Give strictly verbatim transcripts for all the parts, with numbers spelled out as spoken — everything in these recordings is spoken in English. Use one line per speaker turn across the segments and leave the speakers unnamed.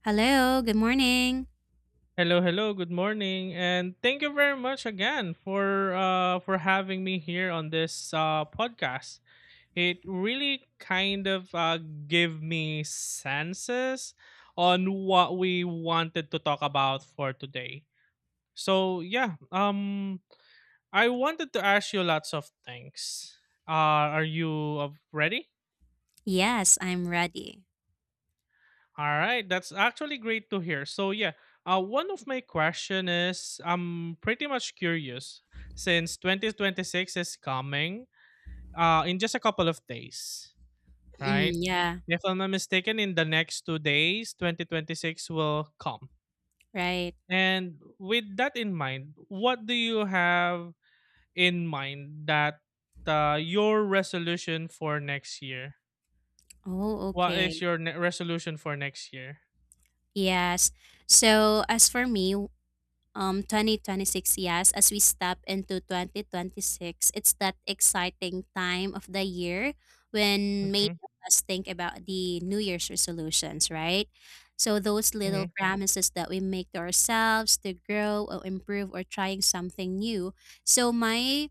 Hello, good morning.
Hello, hello. Good morning, and thank you very much again for uh, for having me here on this uh, podcast. It really kind of uh, gave me senses on what we wanted to talk about for today. So yeah, um, I wanted to ask you lots of things. Uh, are you uh, ready?
Yes, I'm ready.
All right, that's actually great to hear. So yeah, uh, one of my question is I'm pretty much curious since twenty twenty-six is coming, uh, in just a couple of days,
Mm,
right?
yeah,
If I'm not mistaken, in the next two days, twenty twenty-six will come.
right.
And with that in mind, what do you have in mind that, uh, your resolution for next year?
Oh,
What
okay.
is your ne- resolution for next year?
Yes. So, as for me, um twenty twenty-six, yes, as we step into twenty twenty-six, it's that exciting time of the year when many
Mm-hmm.
of us think about the New Year's resolutions, right? So, those
mm-hmm,
little promises that we make to ourselves to grow or improve or trying something new. So, my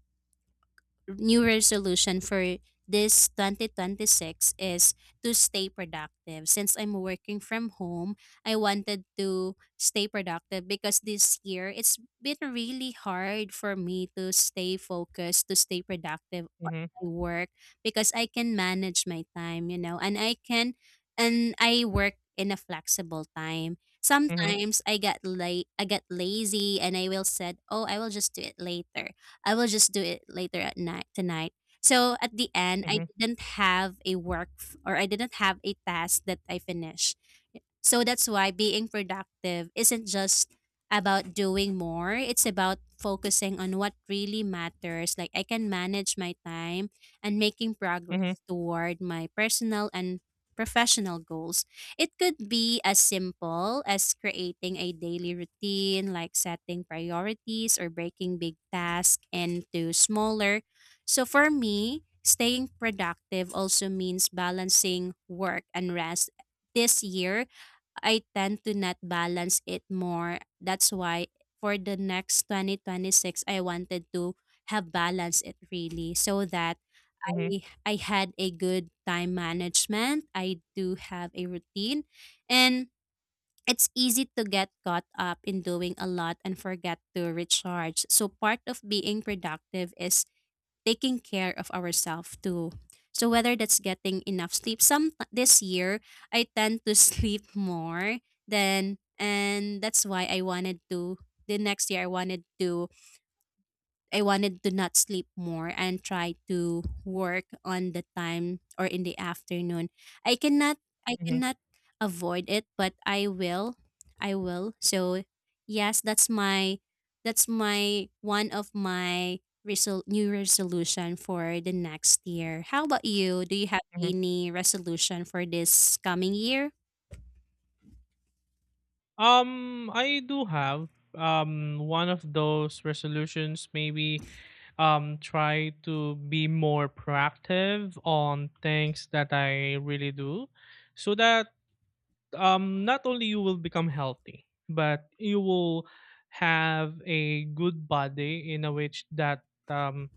new resolution for this twenty twenty-six is to stay productive. Since I'm working from home, I wanted to stay productive because this year it's been really hard for me to stay focused, to stay productive on
mm-hmm,
my work because I can manage my time, you know, and I can and I work in a flexible time.
mm-hmm.
Sometimes I get late I get lazy and I will said, "Oh, I will just do it later." I will just do it later at night tonight. So at the end, I didn't have a work f- or I didn't have a task that I finished. So that's why being productive isn't just about doing more, it's about focusing on what really matters. Like I can manage my time and making
Mhm,
progress toward my personal and professional goals. It could be as simple as creating a daily routine, like setting priorities or breaking big tasks into smaller. So for me, staying productive also means balancing work and rest this year I tend to not balance it more. That's why for the next twenty twenty six, I wanted to have balance it really so that
mhm,
I I had a good time management. I do have a routine, and it's easy to get caught up in doing a lot and forget to recharge. So part of being productive is taking care of ourselves too. So whether that's getting enough sleep, some this year I tend to sleep more than, and that's why I wanted to. The next year I wanted to I wanted to not sleep more and try to work on the time or in the afternoon. I cannot I
mhm,
cannot avoid it, but I will. I will. So yes, that's my that's my one of my resol- new resolution for the next year. How about you? Do you have
mhm.
any resolution for this coming year?
Um, I do have um one of those resolutions, maybe um try to be more proactive on things that I really do, so that, um not only you will become healthy, but you will have a good body in a which that, um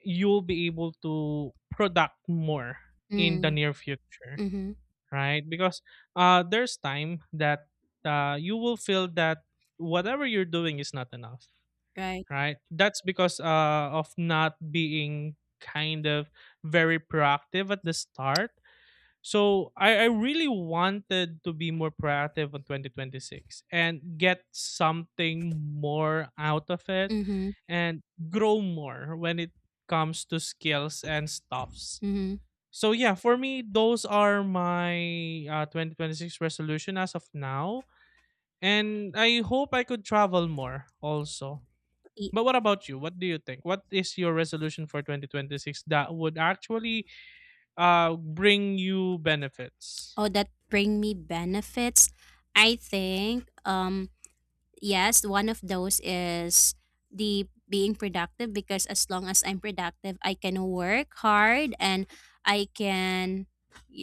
you'll be able to product more in the
Mm,
near future,
mm-hmm.
right? Because uh, there's time that uh, you will feel that whatever you're doing is not enough,
Right.
right? That's because, uh, of not being kind of very proactive at the start. So I, I really wanted to be more proactive on twenty twenty-six and get something more out of it,
Mm-hmm.
and grow more when it comes to skills and stuff.
Mm-hmm.
So yeah, for me, those are my uh, twenty twenty-six resolution as of now. And I hope I could travel more also. But what about you? What do you think? What is your resolution for twenty twenty-six that would actually uh, bring you benefits?
Oh, that bring me benefits? I think, um, yes, one of those is the being productive because as long as I'm productive, I can work hard and I can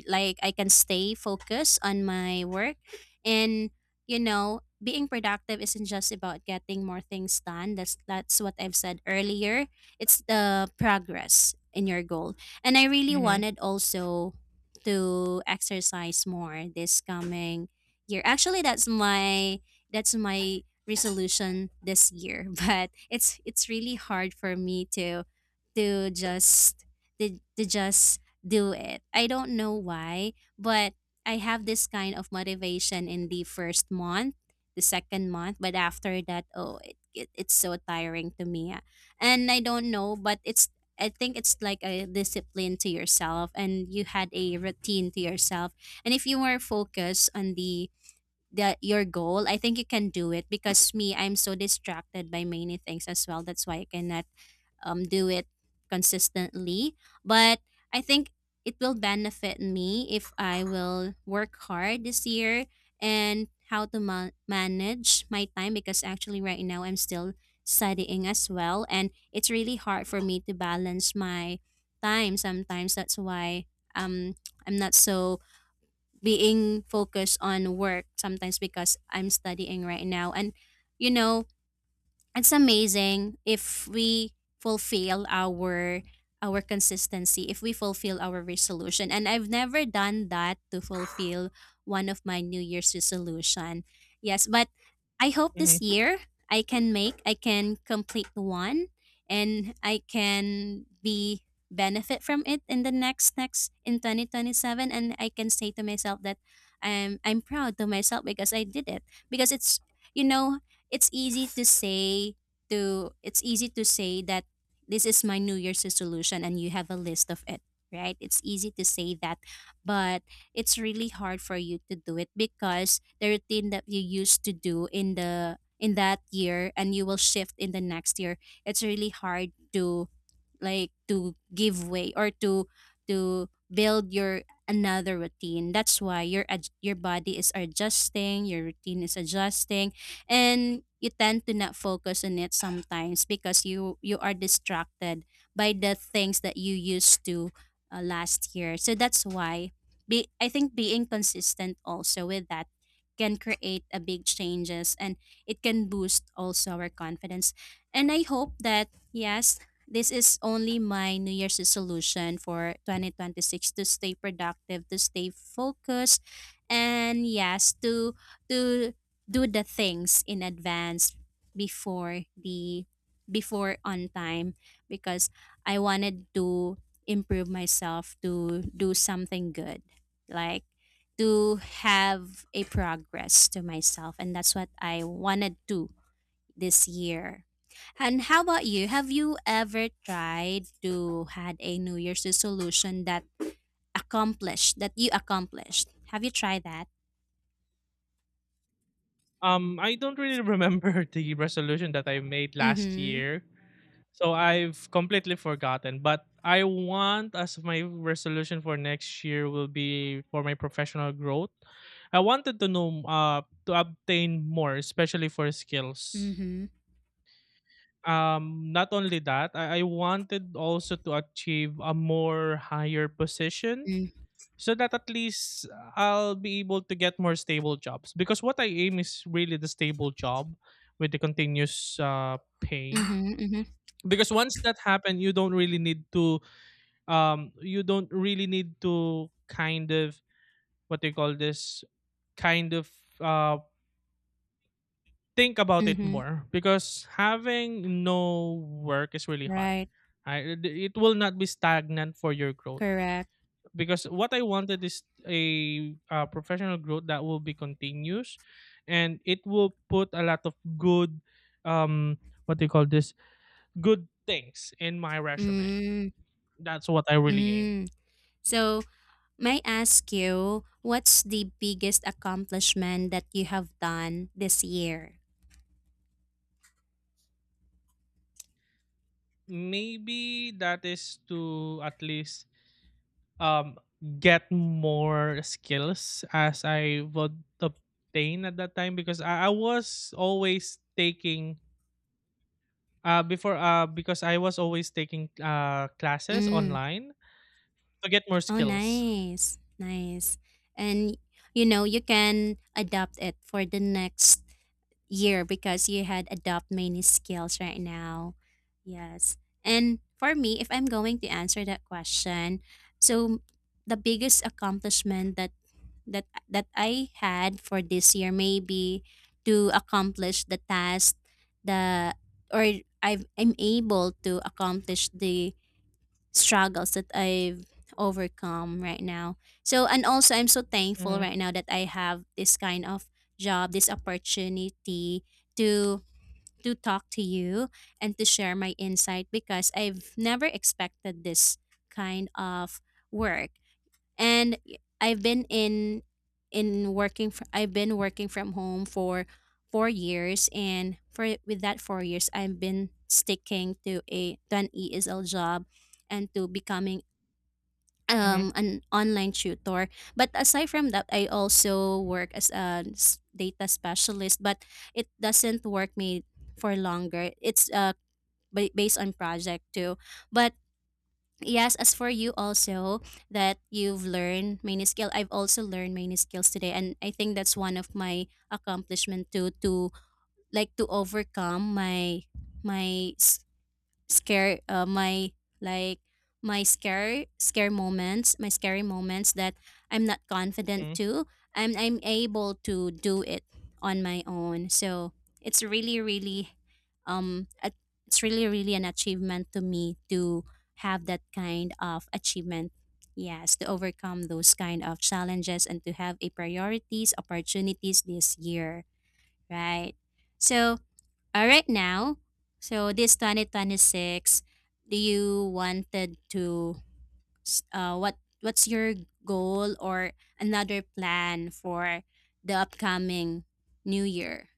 like I can stay focused on my work and you know, being productive isn't just about getting more things done. That's that's what I've said earlier. It's the progress in your goal. And I really
Mm-hmm,
wanted also to exercise more this coming year. Actually, that's my that's my resolution this year, but it's it's really hard for me to to just to, to just do it. I don't know why, but I have this kind of motivation in the first month, the second month, but after that, oh, it, it it's so tiring to me. And I don't know, but it's I think it's like a discipline to yourself and you had a routine to yourself. And if you were focused on the the your goal, I think you can do it because me, I'm so distracted by many things as well. That's why I cannot um do it consistently. But I think it will benefit me if I will work hard this year and how to ma- manage my time because actually right now I'm still studying as well and it's really hard for me to balance my time sometimes. That's why um I'm not so being focused on work sometimes because I'm studying right now. And you know, it's amazing if we fulfill our our consistency if we fulfill our resolution, and I've never done that, to fulfill one of my New Year's resolution. Yes, but I hope
mm-hmm.
this year i can make I can complete one and I can be benefit from it in the next next in twenty twenty-seven, and I can say to myself that i'm I'm proud to myself because I did it. Because it's, you know it's easy to say to it's easy to say that this is my New Year's resolution and you have a list of it, right? It's easy to say that, but it's really hard for you to do it because the routine that you used to do in the in that year, and you will shift in the next year. It's really hard to like to give way or to to build your another routine. That's why your ad- your body is adjusting, your routine is adjusting, and you tend to not focus on it sometimes because you you are distracted by the things that you used to uh, last year. So that's why be I think being consistent also with that can create a big changes, and it can boost also our confidence. And I hope that, yes, this is only my New Year's resolution for twenty twenty-six, to stay productive, to stay focused, and yes, to to do the things in advance before the before on time because I wanted to improve myself to do something good. Like to have a progress to myself, and that's what I wanted to this year. And how about you? Have you ever tried to had a New Year's resolution that accomplished that you accomplished? Have you tried that?
Um, I don't really remember the resolution that I made last
Mm-hmm.
year. So I've completely forgotten, but I want as my resolution for next year will be for my professional growth. I wanted to know, uh to obtain more, especially for skills.
Mm-hmm.
Um not only that, I, I wanted also to achieve a more higher position
Mm.
so that at least I'll be able to get more stable jobs, because what I aim is really the stable job with the continuous uh pay,
Mm-hmm. Mm-hmm.
because once that happens you don't really need to um you don't really need to kind of, what they call this, kind of uh think about it
Mm-hmm.
more, because having no work is really hard.
Right.
I, it will not be stagnant for your growth,
Correct.
because what I wanted is a, uh, professional growth that will be continuous, and it will put a lot of good, um what do you call this, good things in my resume.
Mm.
That's what I really aim.
Mm. So may I ask you, what's the biggest accomplishment that you have done this year?
Maybe that is to at least, um get more skills as I would obtain at that time, because I, I was always taking uh before uh because I was always taking uh classes
Mm.
online to get more
Oh,
skills.
nice. Nice. And you know, you can adopt it for the next year because you had adopt many skills right now. Yes. And for me, if I'm going to answer that question, so the biggest accomplishment that that that I had for this year maybe to accomplish the task, the or I've, I'm able to accomplish the struggles that I've overcome right now. So, and also I'm so thankful
Mm-hmm.
right now that I have this kind of job, this opportunity to to talk to you and to share my insight because I've never expected this kind of work. And I've been in in working fr- I've been working from home for four years, and for with that four years I've been sticking to a to an E S L job and to becoming
Mm-hmm.
um an online tutor, but aside from that I also work as a s- data specialist, but it doesn't work me for longer. It's uh ba- based on project too. But yes, as for you also, that you've learned many skill. I've also learned many skills today, and I think that's one of my accomplishment too, to like to overcome my my s- scare uh, my like my scare scare moments my scary moments that I'm not confident
Hmm.
to. i'm I'm able to do it on my own. So it's really really um a- it's really really an achievement to me to have that kind of achievement. Yes, to overcome those kind of challenges and to have a priorities opportunities this year, right? So all right now, so this two thousand twenty-six, do you wanted to s- uh what what's your goal or another plan for the upcoming new year,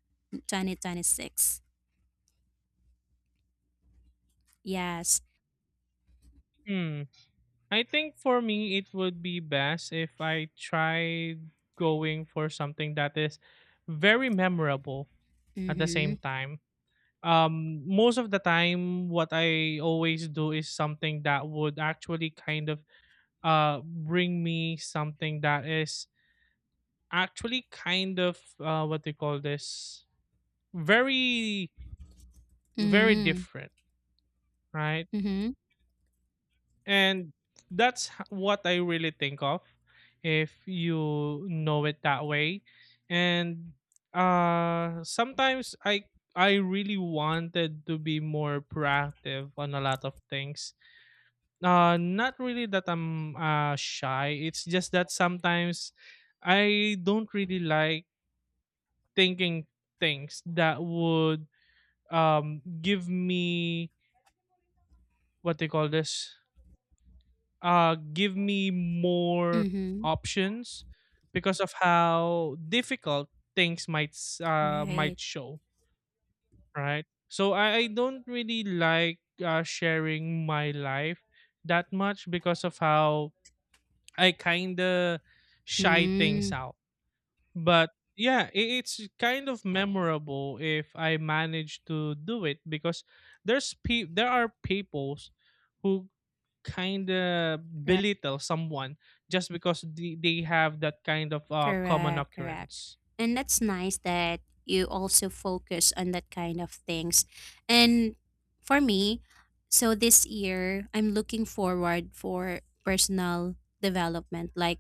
twenty twenty-six? Yes.
Hmm. I think for me it would be best if I tried going for something that is very memorable. At the same
Mhm.
time, um most of the time what I always do is something that would actually kind of, uh bring me something that is actually kind of, uh what they call this, very, very
Mhm.
different, right?
Mhm.
And that's h- what I really think of, if you know it that way. And uh sometimes i i really wanted to be more proactive on a lot of things. Uh, not really that I'm uh, shy. It's just that sometimes I don't really like thinking things that would, um give me, what they call this, uh give me more
Mhm.
options, because of how difficult things might s- uh
Right.
might show, right? So I, I don't really like uh, sharing my life that much, because of how I kind of shy things
Mm.
out. But yeah, i- it's kind of memorable if I manage to do it, because there's pe- there are peoples who kind of belittle someone just because they, they have that kind of uh, common
Correct, correct.
occurrence.
And that's nice that you also focus on that kind of things. And for me, so this year I'm looking forward for personal development, like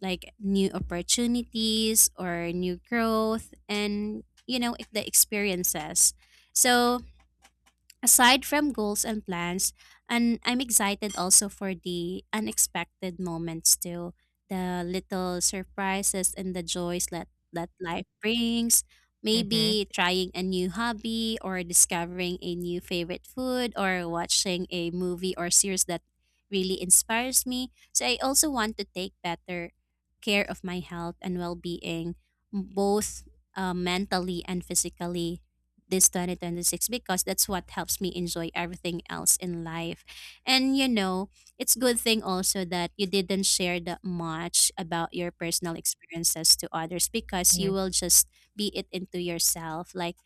like new opportunities or new growth, and you know the experiences. So aside from goals and plans, and I'm excited also for the unexpected moments too, the little surprises and the joys that, that life brings.
Mhm,
Maybe trying a new hobby or discovering a new favorite food or watching a movie or series that really inspires me. So I also want to take better care of my health and well-being, both uh, mentally and physically this twenty twenty-six because that's what helps me enjoy everything else in life. And you know, it's good thing also that you didn't share that much about your personal experiences to others because you
mhm.
will just be it into yourself. Like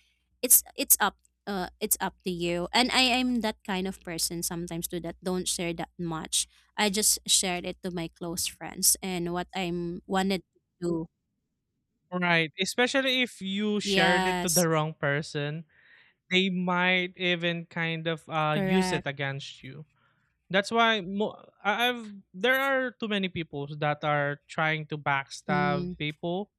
it's it's up uh, it's up to you. And I am that kind of person sometimes too that don't share that much. I just shared it to my close friends and what I'm wanted to do.
Right, especially if you shared it to
Yes,
the wrong person, they might even kind of, uh, use
correct.
it against you. That's why mo I I've there are too many people that are trying to backstab
Mm,
people,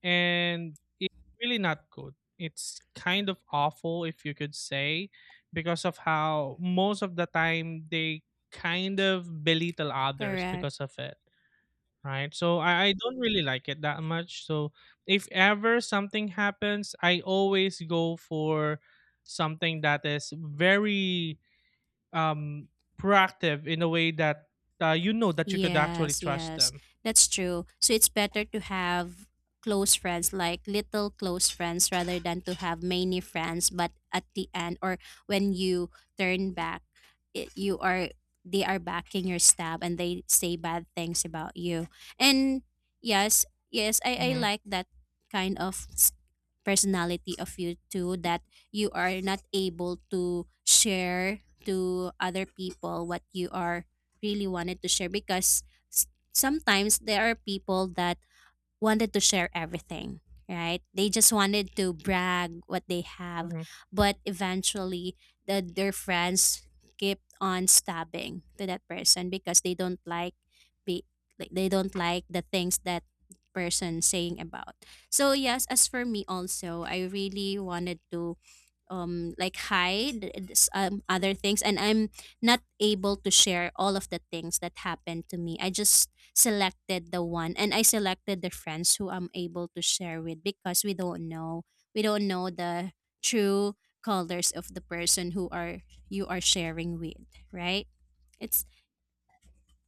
and it's really not good. It's kind of awful, if you could say, because of how most of the time they kind of belittle others
correct.
because of it, right? So I, I don't really like it that much. So if ever something happens, I always go for something that is very, um, proactive in a way that, uh, you know that you could actually
Yes,
trust
yes,
them.
that's true. So it's better to have close friends, like little close friends, rather than to have many friends. But at the end, or when you turn back, it, you are they are backing your stab and they say bad things about you. And yes, yes, I I
Hmm.
like that kind of s- personality of you too. That you are not able to share to other people what you are really wanted to share because s- sometimes there are people that wanted to share everything, right? They just wanted to brag what they have, but eventually the, their friends keep on stabbing to that person because they don't like be like they don't like the things that person saying about. So yes, as for me also, I really wanted to um like hide s- um, other things, and I'm not able to share all of the things that happened to me. I just selected the one, and I selected the friends who I'm able to share with, because we don't know, we don't know the true colors of the person who are you are sharing with, right? it's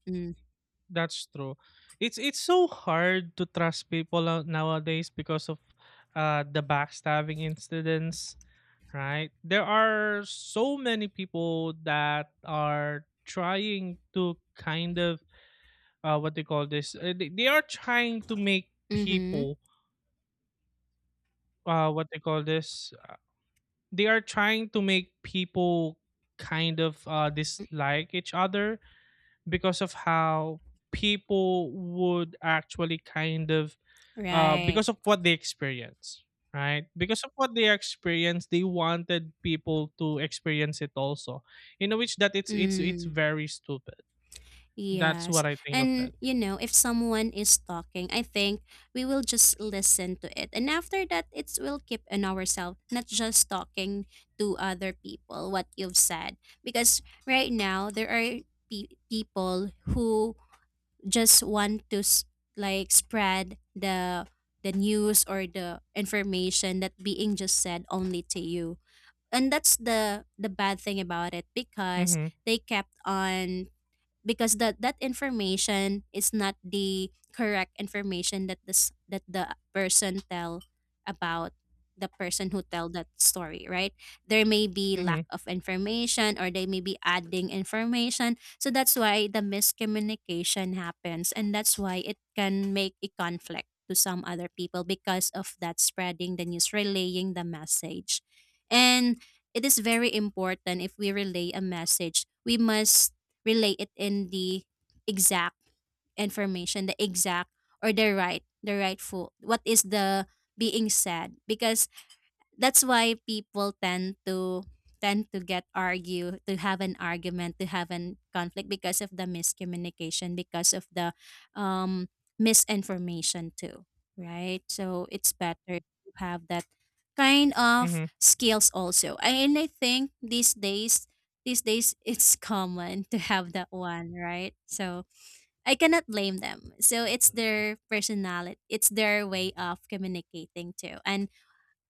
mm,
That's true. It's it's so hard to trust people out nowadays because of, uh, the backstabbing incidents, right? There are so many people that are trying to kind of, uh, what they call this. Uh, they, they are trying to make
mm-hmm.
people, uh, what they call this. Uh, they are trying to make people kind of, uh,
Mm,
dislike each other, because of how people would actually kind of, uh,
right.
because of what they experience, right? Because of what they experienced, they wanted people to experience it also. In a which that it's it's it's
Mm.
very stupid. That's
Yes.
what I think of it.
And you know, if someone is talking, I think we will just listen to it. And after that, it will keep in ourselves, not just talking to other people what you've said. Because right now there are pe- people who just want to s- like spread the the news or the information that being just said only to you. And that's the the bad thing about it, because
Mhm.
they kept on, because that that information is not the correct information that this that the person tell about, the person who tell that story, right? There may be lack
Mhm.
of information, or they may be adding information. So that's why the miscommunication happens, and that's why it can make a conflict to some other people because of that, spreading the news, relaying the message. And it is very important, if we relay a message, we must relay it in the exact information, the exact or the right the right food. What is the being said, because that's why people tend to tend to get argue, to have an argument, to have an conflict because of the miscommunication, because of the um misinformation too, right? So it's better to have that kind of
Mhm.
skills also. I- and I think these days these days it's common to have that one, right? So I cannot blame them. So it's their personality, it's their way of communicating too. And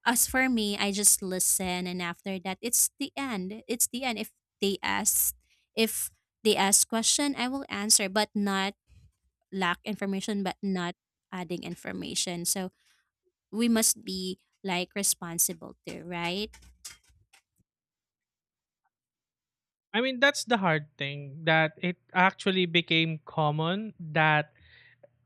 as for me, I just listen, and after that it's the end. It's the end. If they ask, if they ask question, I will answer, but not lack information, but not adding information. So we must be like responsible too, right?
I mean, that's the hard thing, that it actually became common, that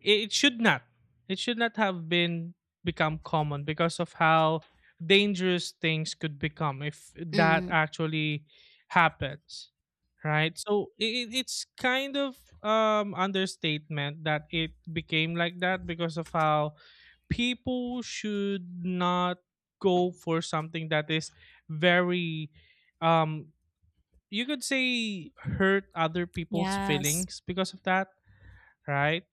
it should not it should not have been become common, because of how dangerous things could become if that
Mm.
actually happens, right? So it, it's kind of, um understatement that it became like that, because of how people should not go for something that is very, um you could say, hurt other people's
Yes.
feelings because of that, right?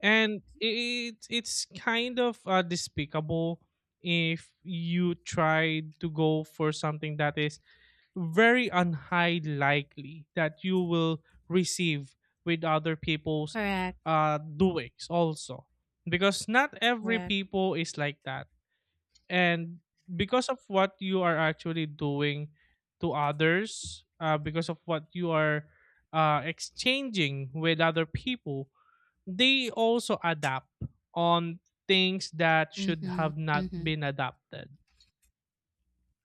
And it it's kind of, uh, despicable if you try to go for something that is very unhigh likely that you will receive with other people's,
Correct.
uh, doings also, because not every
Correct.
people is like that. And because of what you are actually doing to others, uh, because of what you are, uh, exchanging with other people, they also adapt on things that should
Mm-hmm.
have not
Mm-hmm.
been adapted,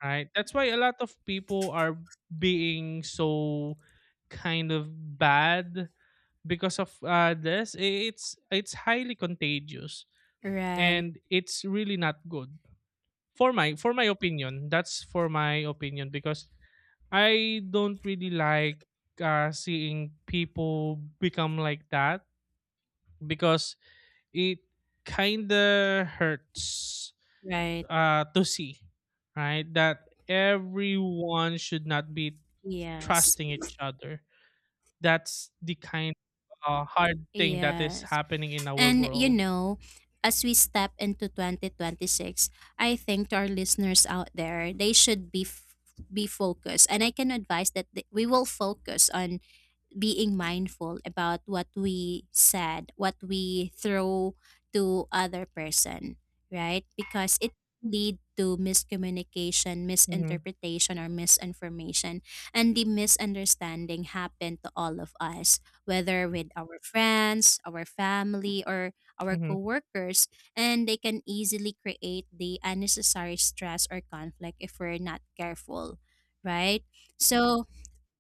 right? That's why a lot of people are being so kind of bad because of, uh, this I- it's it's highly contagious,
Right.
and it's really not good, for my for my opinion. That's for my opinion, because I don't really like, uh, seeing people become like that, because it kinda hurts,
Right.
uh, to see, right? That everyone should not be
Yes.
trusting each other. That's the kind of, uh, hard thing that is
Yes.
happening in our
And you
world.
know, as we step into twenty twenty six, I think, to our listeners out there, they should be f- be focused. And I can advise that th- we will focus on being mindful about what we said, what we throw to other person, right? Because it lead to miscommunication,
Mhm,
misinterpretation or misinformation, and the misunderstanding happen to all of us, whether with our friends, our family or our
mhm,
coworkers, and they can easily create the unnecessary stress or conflict if we're not careful, right? So,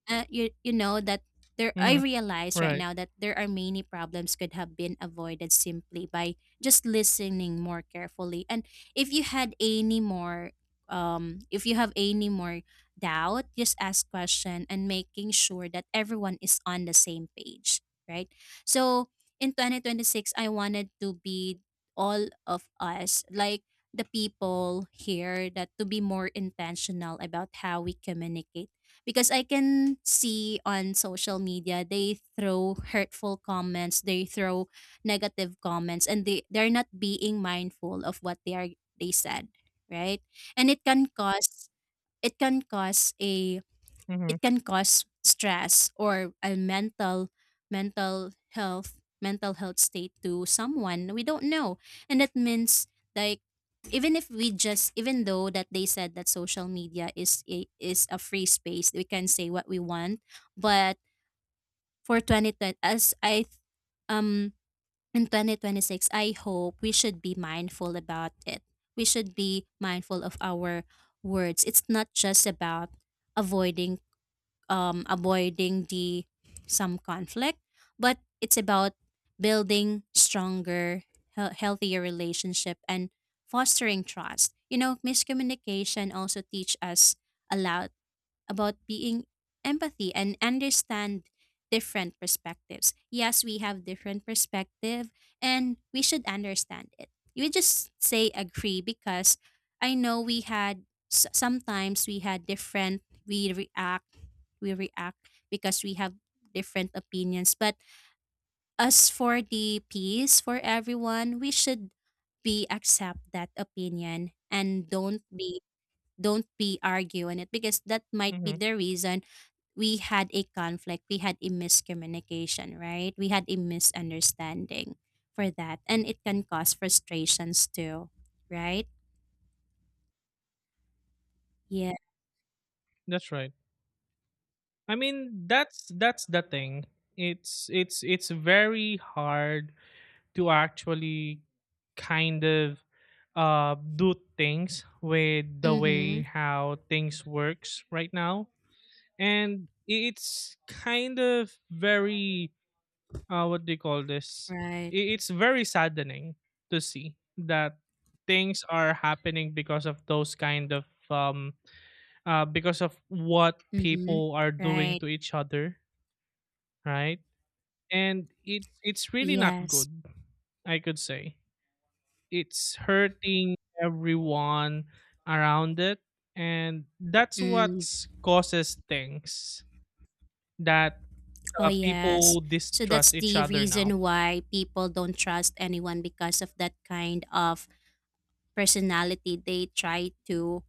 uh, you you know that there I
mhm,
realize right
right.
now that there are many problems could have been avoided simply by just listening more carefully. And if you had any more um if you have any more doubt, just ask question, and making sure that everyone is on the same page, right? So in twenty twenty six I wanted to be all of us, like the people here, that to be more intentional about how we communicate, because I can see on social media they throw hurtful comments, they throw negative comments, and they they're not being mindful of what they are they said, right? And it can cause, it can cause a
Mhm,
it can cause stress or a mental mental health mental health state to someone we don't know. And that means like, even if we just, even though that they said that social media is a, is a free space, we can say what we want. But for twenty twenty as I um in twenty twenty six, I hope we should be mindful about it. We should be mindful of our words. It's not just about avoiding um, avoiding the some conflict, but it's about building stronger, hea- healthier relationship and fostering trust. You know, miscommunication also teach us a lot about being empathy and understand different perspectives. Yes, we have different perspective and we should understand it. You just say agree, because I know we had, s- sometimes we had different, we react we react because we have different opinions. But as for the peace for everyone, we should be accept that opinion, and don't be don't be argue on it, because that might be
mhm,
the reason we had a conflict, we had a miscommunication, right? We had a misunderstanding for that. And it can cause frustrations too, right? Yeah.
that's right. I mean, that's that's the thing. It's it's it's very hard to actually kind of, uh, do things with the
Mm-hmm.
way how things works right now. And it's kind of very, uh, what do you call this,
Right.
I- it's very saddening to see that things are happening because of those kind of, um uh, because of what
Mm-hmm.
people are doing
Right.
to each other, right? And it's it's really not
Yes.
good, I could say. It's hurting everyone around it, and that's what
Mm.
causes things that,
Oh,
uh,
yes.
people
So that's
distrust each
the
other now.
reason why people don't trust anyone, because of that kind of personality they try to,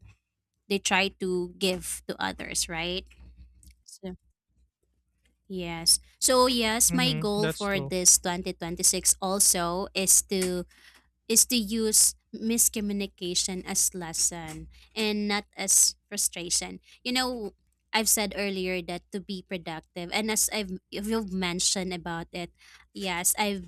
they try to give to others, right? So, yes. So yes, my
Hmm,
goal
that's
for
true.
this twenty twenty six also is to, is to use miscommunication as lesson and not as frustration. You know, I've said earlier that to be productive, and as I've, you've mentioned about it, yes, I've,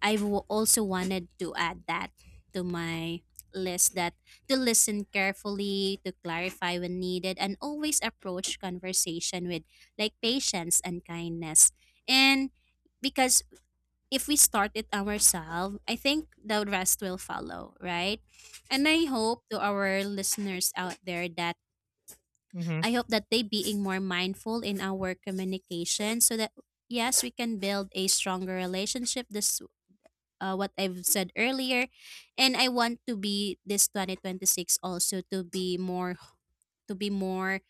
I've w- also wanted to add that to my list, that to listen carefully, to clarify when needed, and always approach conversation with like patience and kindness. And Because if we start it ourselves, I think the rest will follow, right? And I hope to our listeners out there that,
Hmm.
I hope that they being more mindful in our communication, so that yes, we can build a stronger relationship. This, uh, what I've said earlier, and I want to be this twenty twenty six also to be more, to be more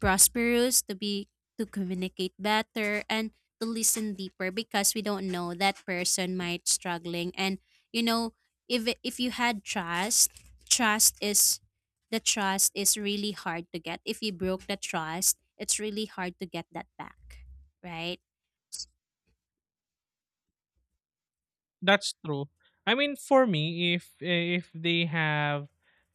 prosperous, to be to communicate better and to listen deeper, because we don't know, that person might struggling. And you know, if if you had trust, trust is the trust is really hard to get. If you broke the trust, it's really hard to get that back, right?
That's true. I mean, for me, if if they have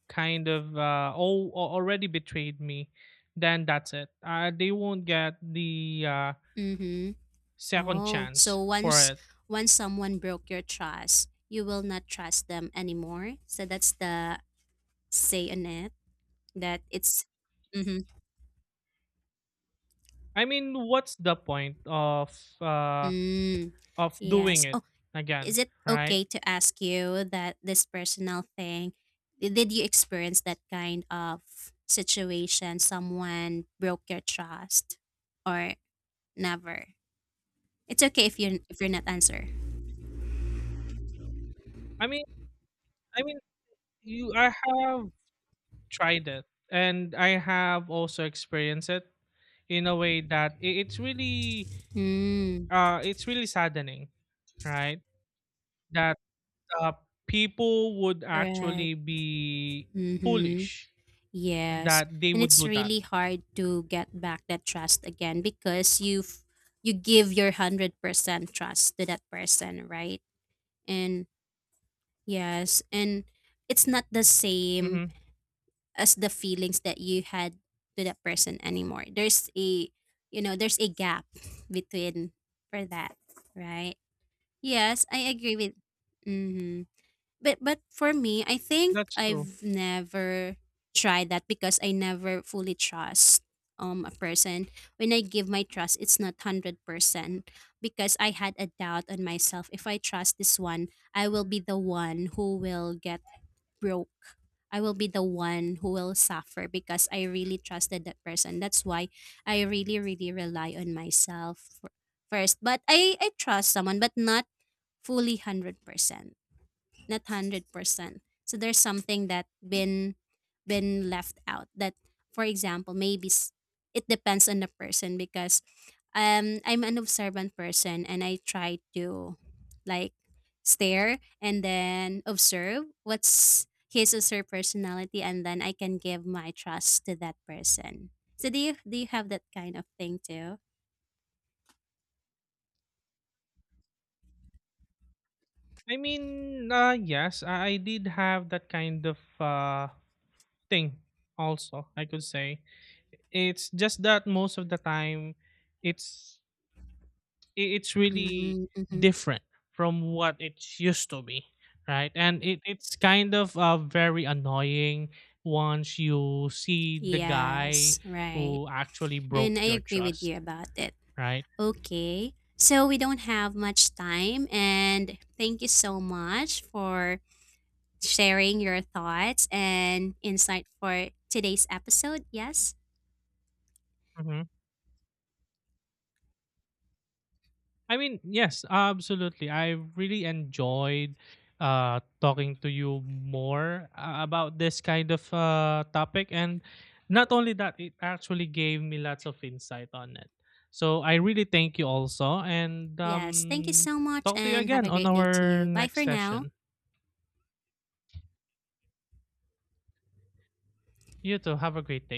kind of, uh, oh, already betrayed me, then that's it. Uh, they won't get the, uh,
Mhm.
second
Oh,
chance
so
for
once,
it.
once someone broke your trust, you will not trust them anymore. So that's the say on it, that it's, mm-hmm.
I mean, what's the point of, uh,
Mm,
of doing
yes.
it
Oh,
again,
is it
right?
okay to ask you that this personal thing? i- Did you experience that kind of situation? Someone broke your trust, or never? It's okay if you are, if you're not answer.
I mean, I mean, you I have tried it, and I have also experienced it in a way that i- it's really,
Mm,
uh, it's really saddening, right? That, uh, people would
right.
actually be
Mm-hmm.
foolish
Yes,
that they
and
would
it's
do that.
really hard to get back that trust again, because you've, you give your one hundred percent trust to that person, right? And yes, and it's not the same
Mhm.
as the feelings that you had to that person anymore. There's a, you know, there's a gap between for that, right? Yes, I agree with, mhm. But but for me, I think
That's true.
I've never tried that, because I never fully trust um a person. When I give my trust, it's not hundred percent, because I had a doubt on myself. If I trust this one, I will be the one who will get broke. I will be the one who will suffer because I really trusted that person. That's why I really, really rely on myself fir- first. But I, I trust someone, but not fully one hundred percent, not one hundred percent. So there's something that been been left out that for example, maybe s- it depends on the person, because um I'm an observant person, and I try to like stare and then observe what's his or her personality, and then I can give my trust to that person. So do you do you have that kind of thing too?
I mean, uh, yes, I I did have that kind of, uh, thing also, I could say. It's just that most of the time, it's i- it's really
Mm-hmm.
different from what it used to be, right? And it, it's kind of, uh, very annoying once you see the guy
Yes, right.
who actually broke
And I
your
agree with you
trust,
about it.
right?
Okay. So we don't have much time, and thank you so much for sharing your thoughts and insight for today's episode. Yes.
Mm-hmm. I mean, yes, absolutely. I really enjoyed uh, talking to you more uh, about this kind of uh, topic. And not only that, it actually gave me lots of insight on it. So I really thank you also. And
Yes. Thank you
um,
so much,
Talk to you
and have
again
a
on
great day to
our
you. Bye
next
for now.
session. You too. Have a great day.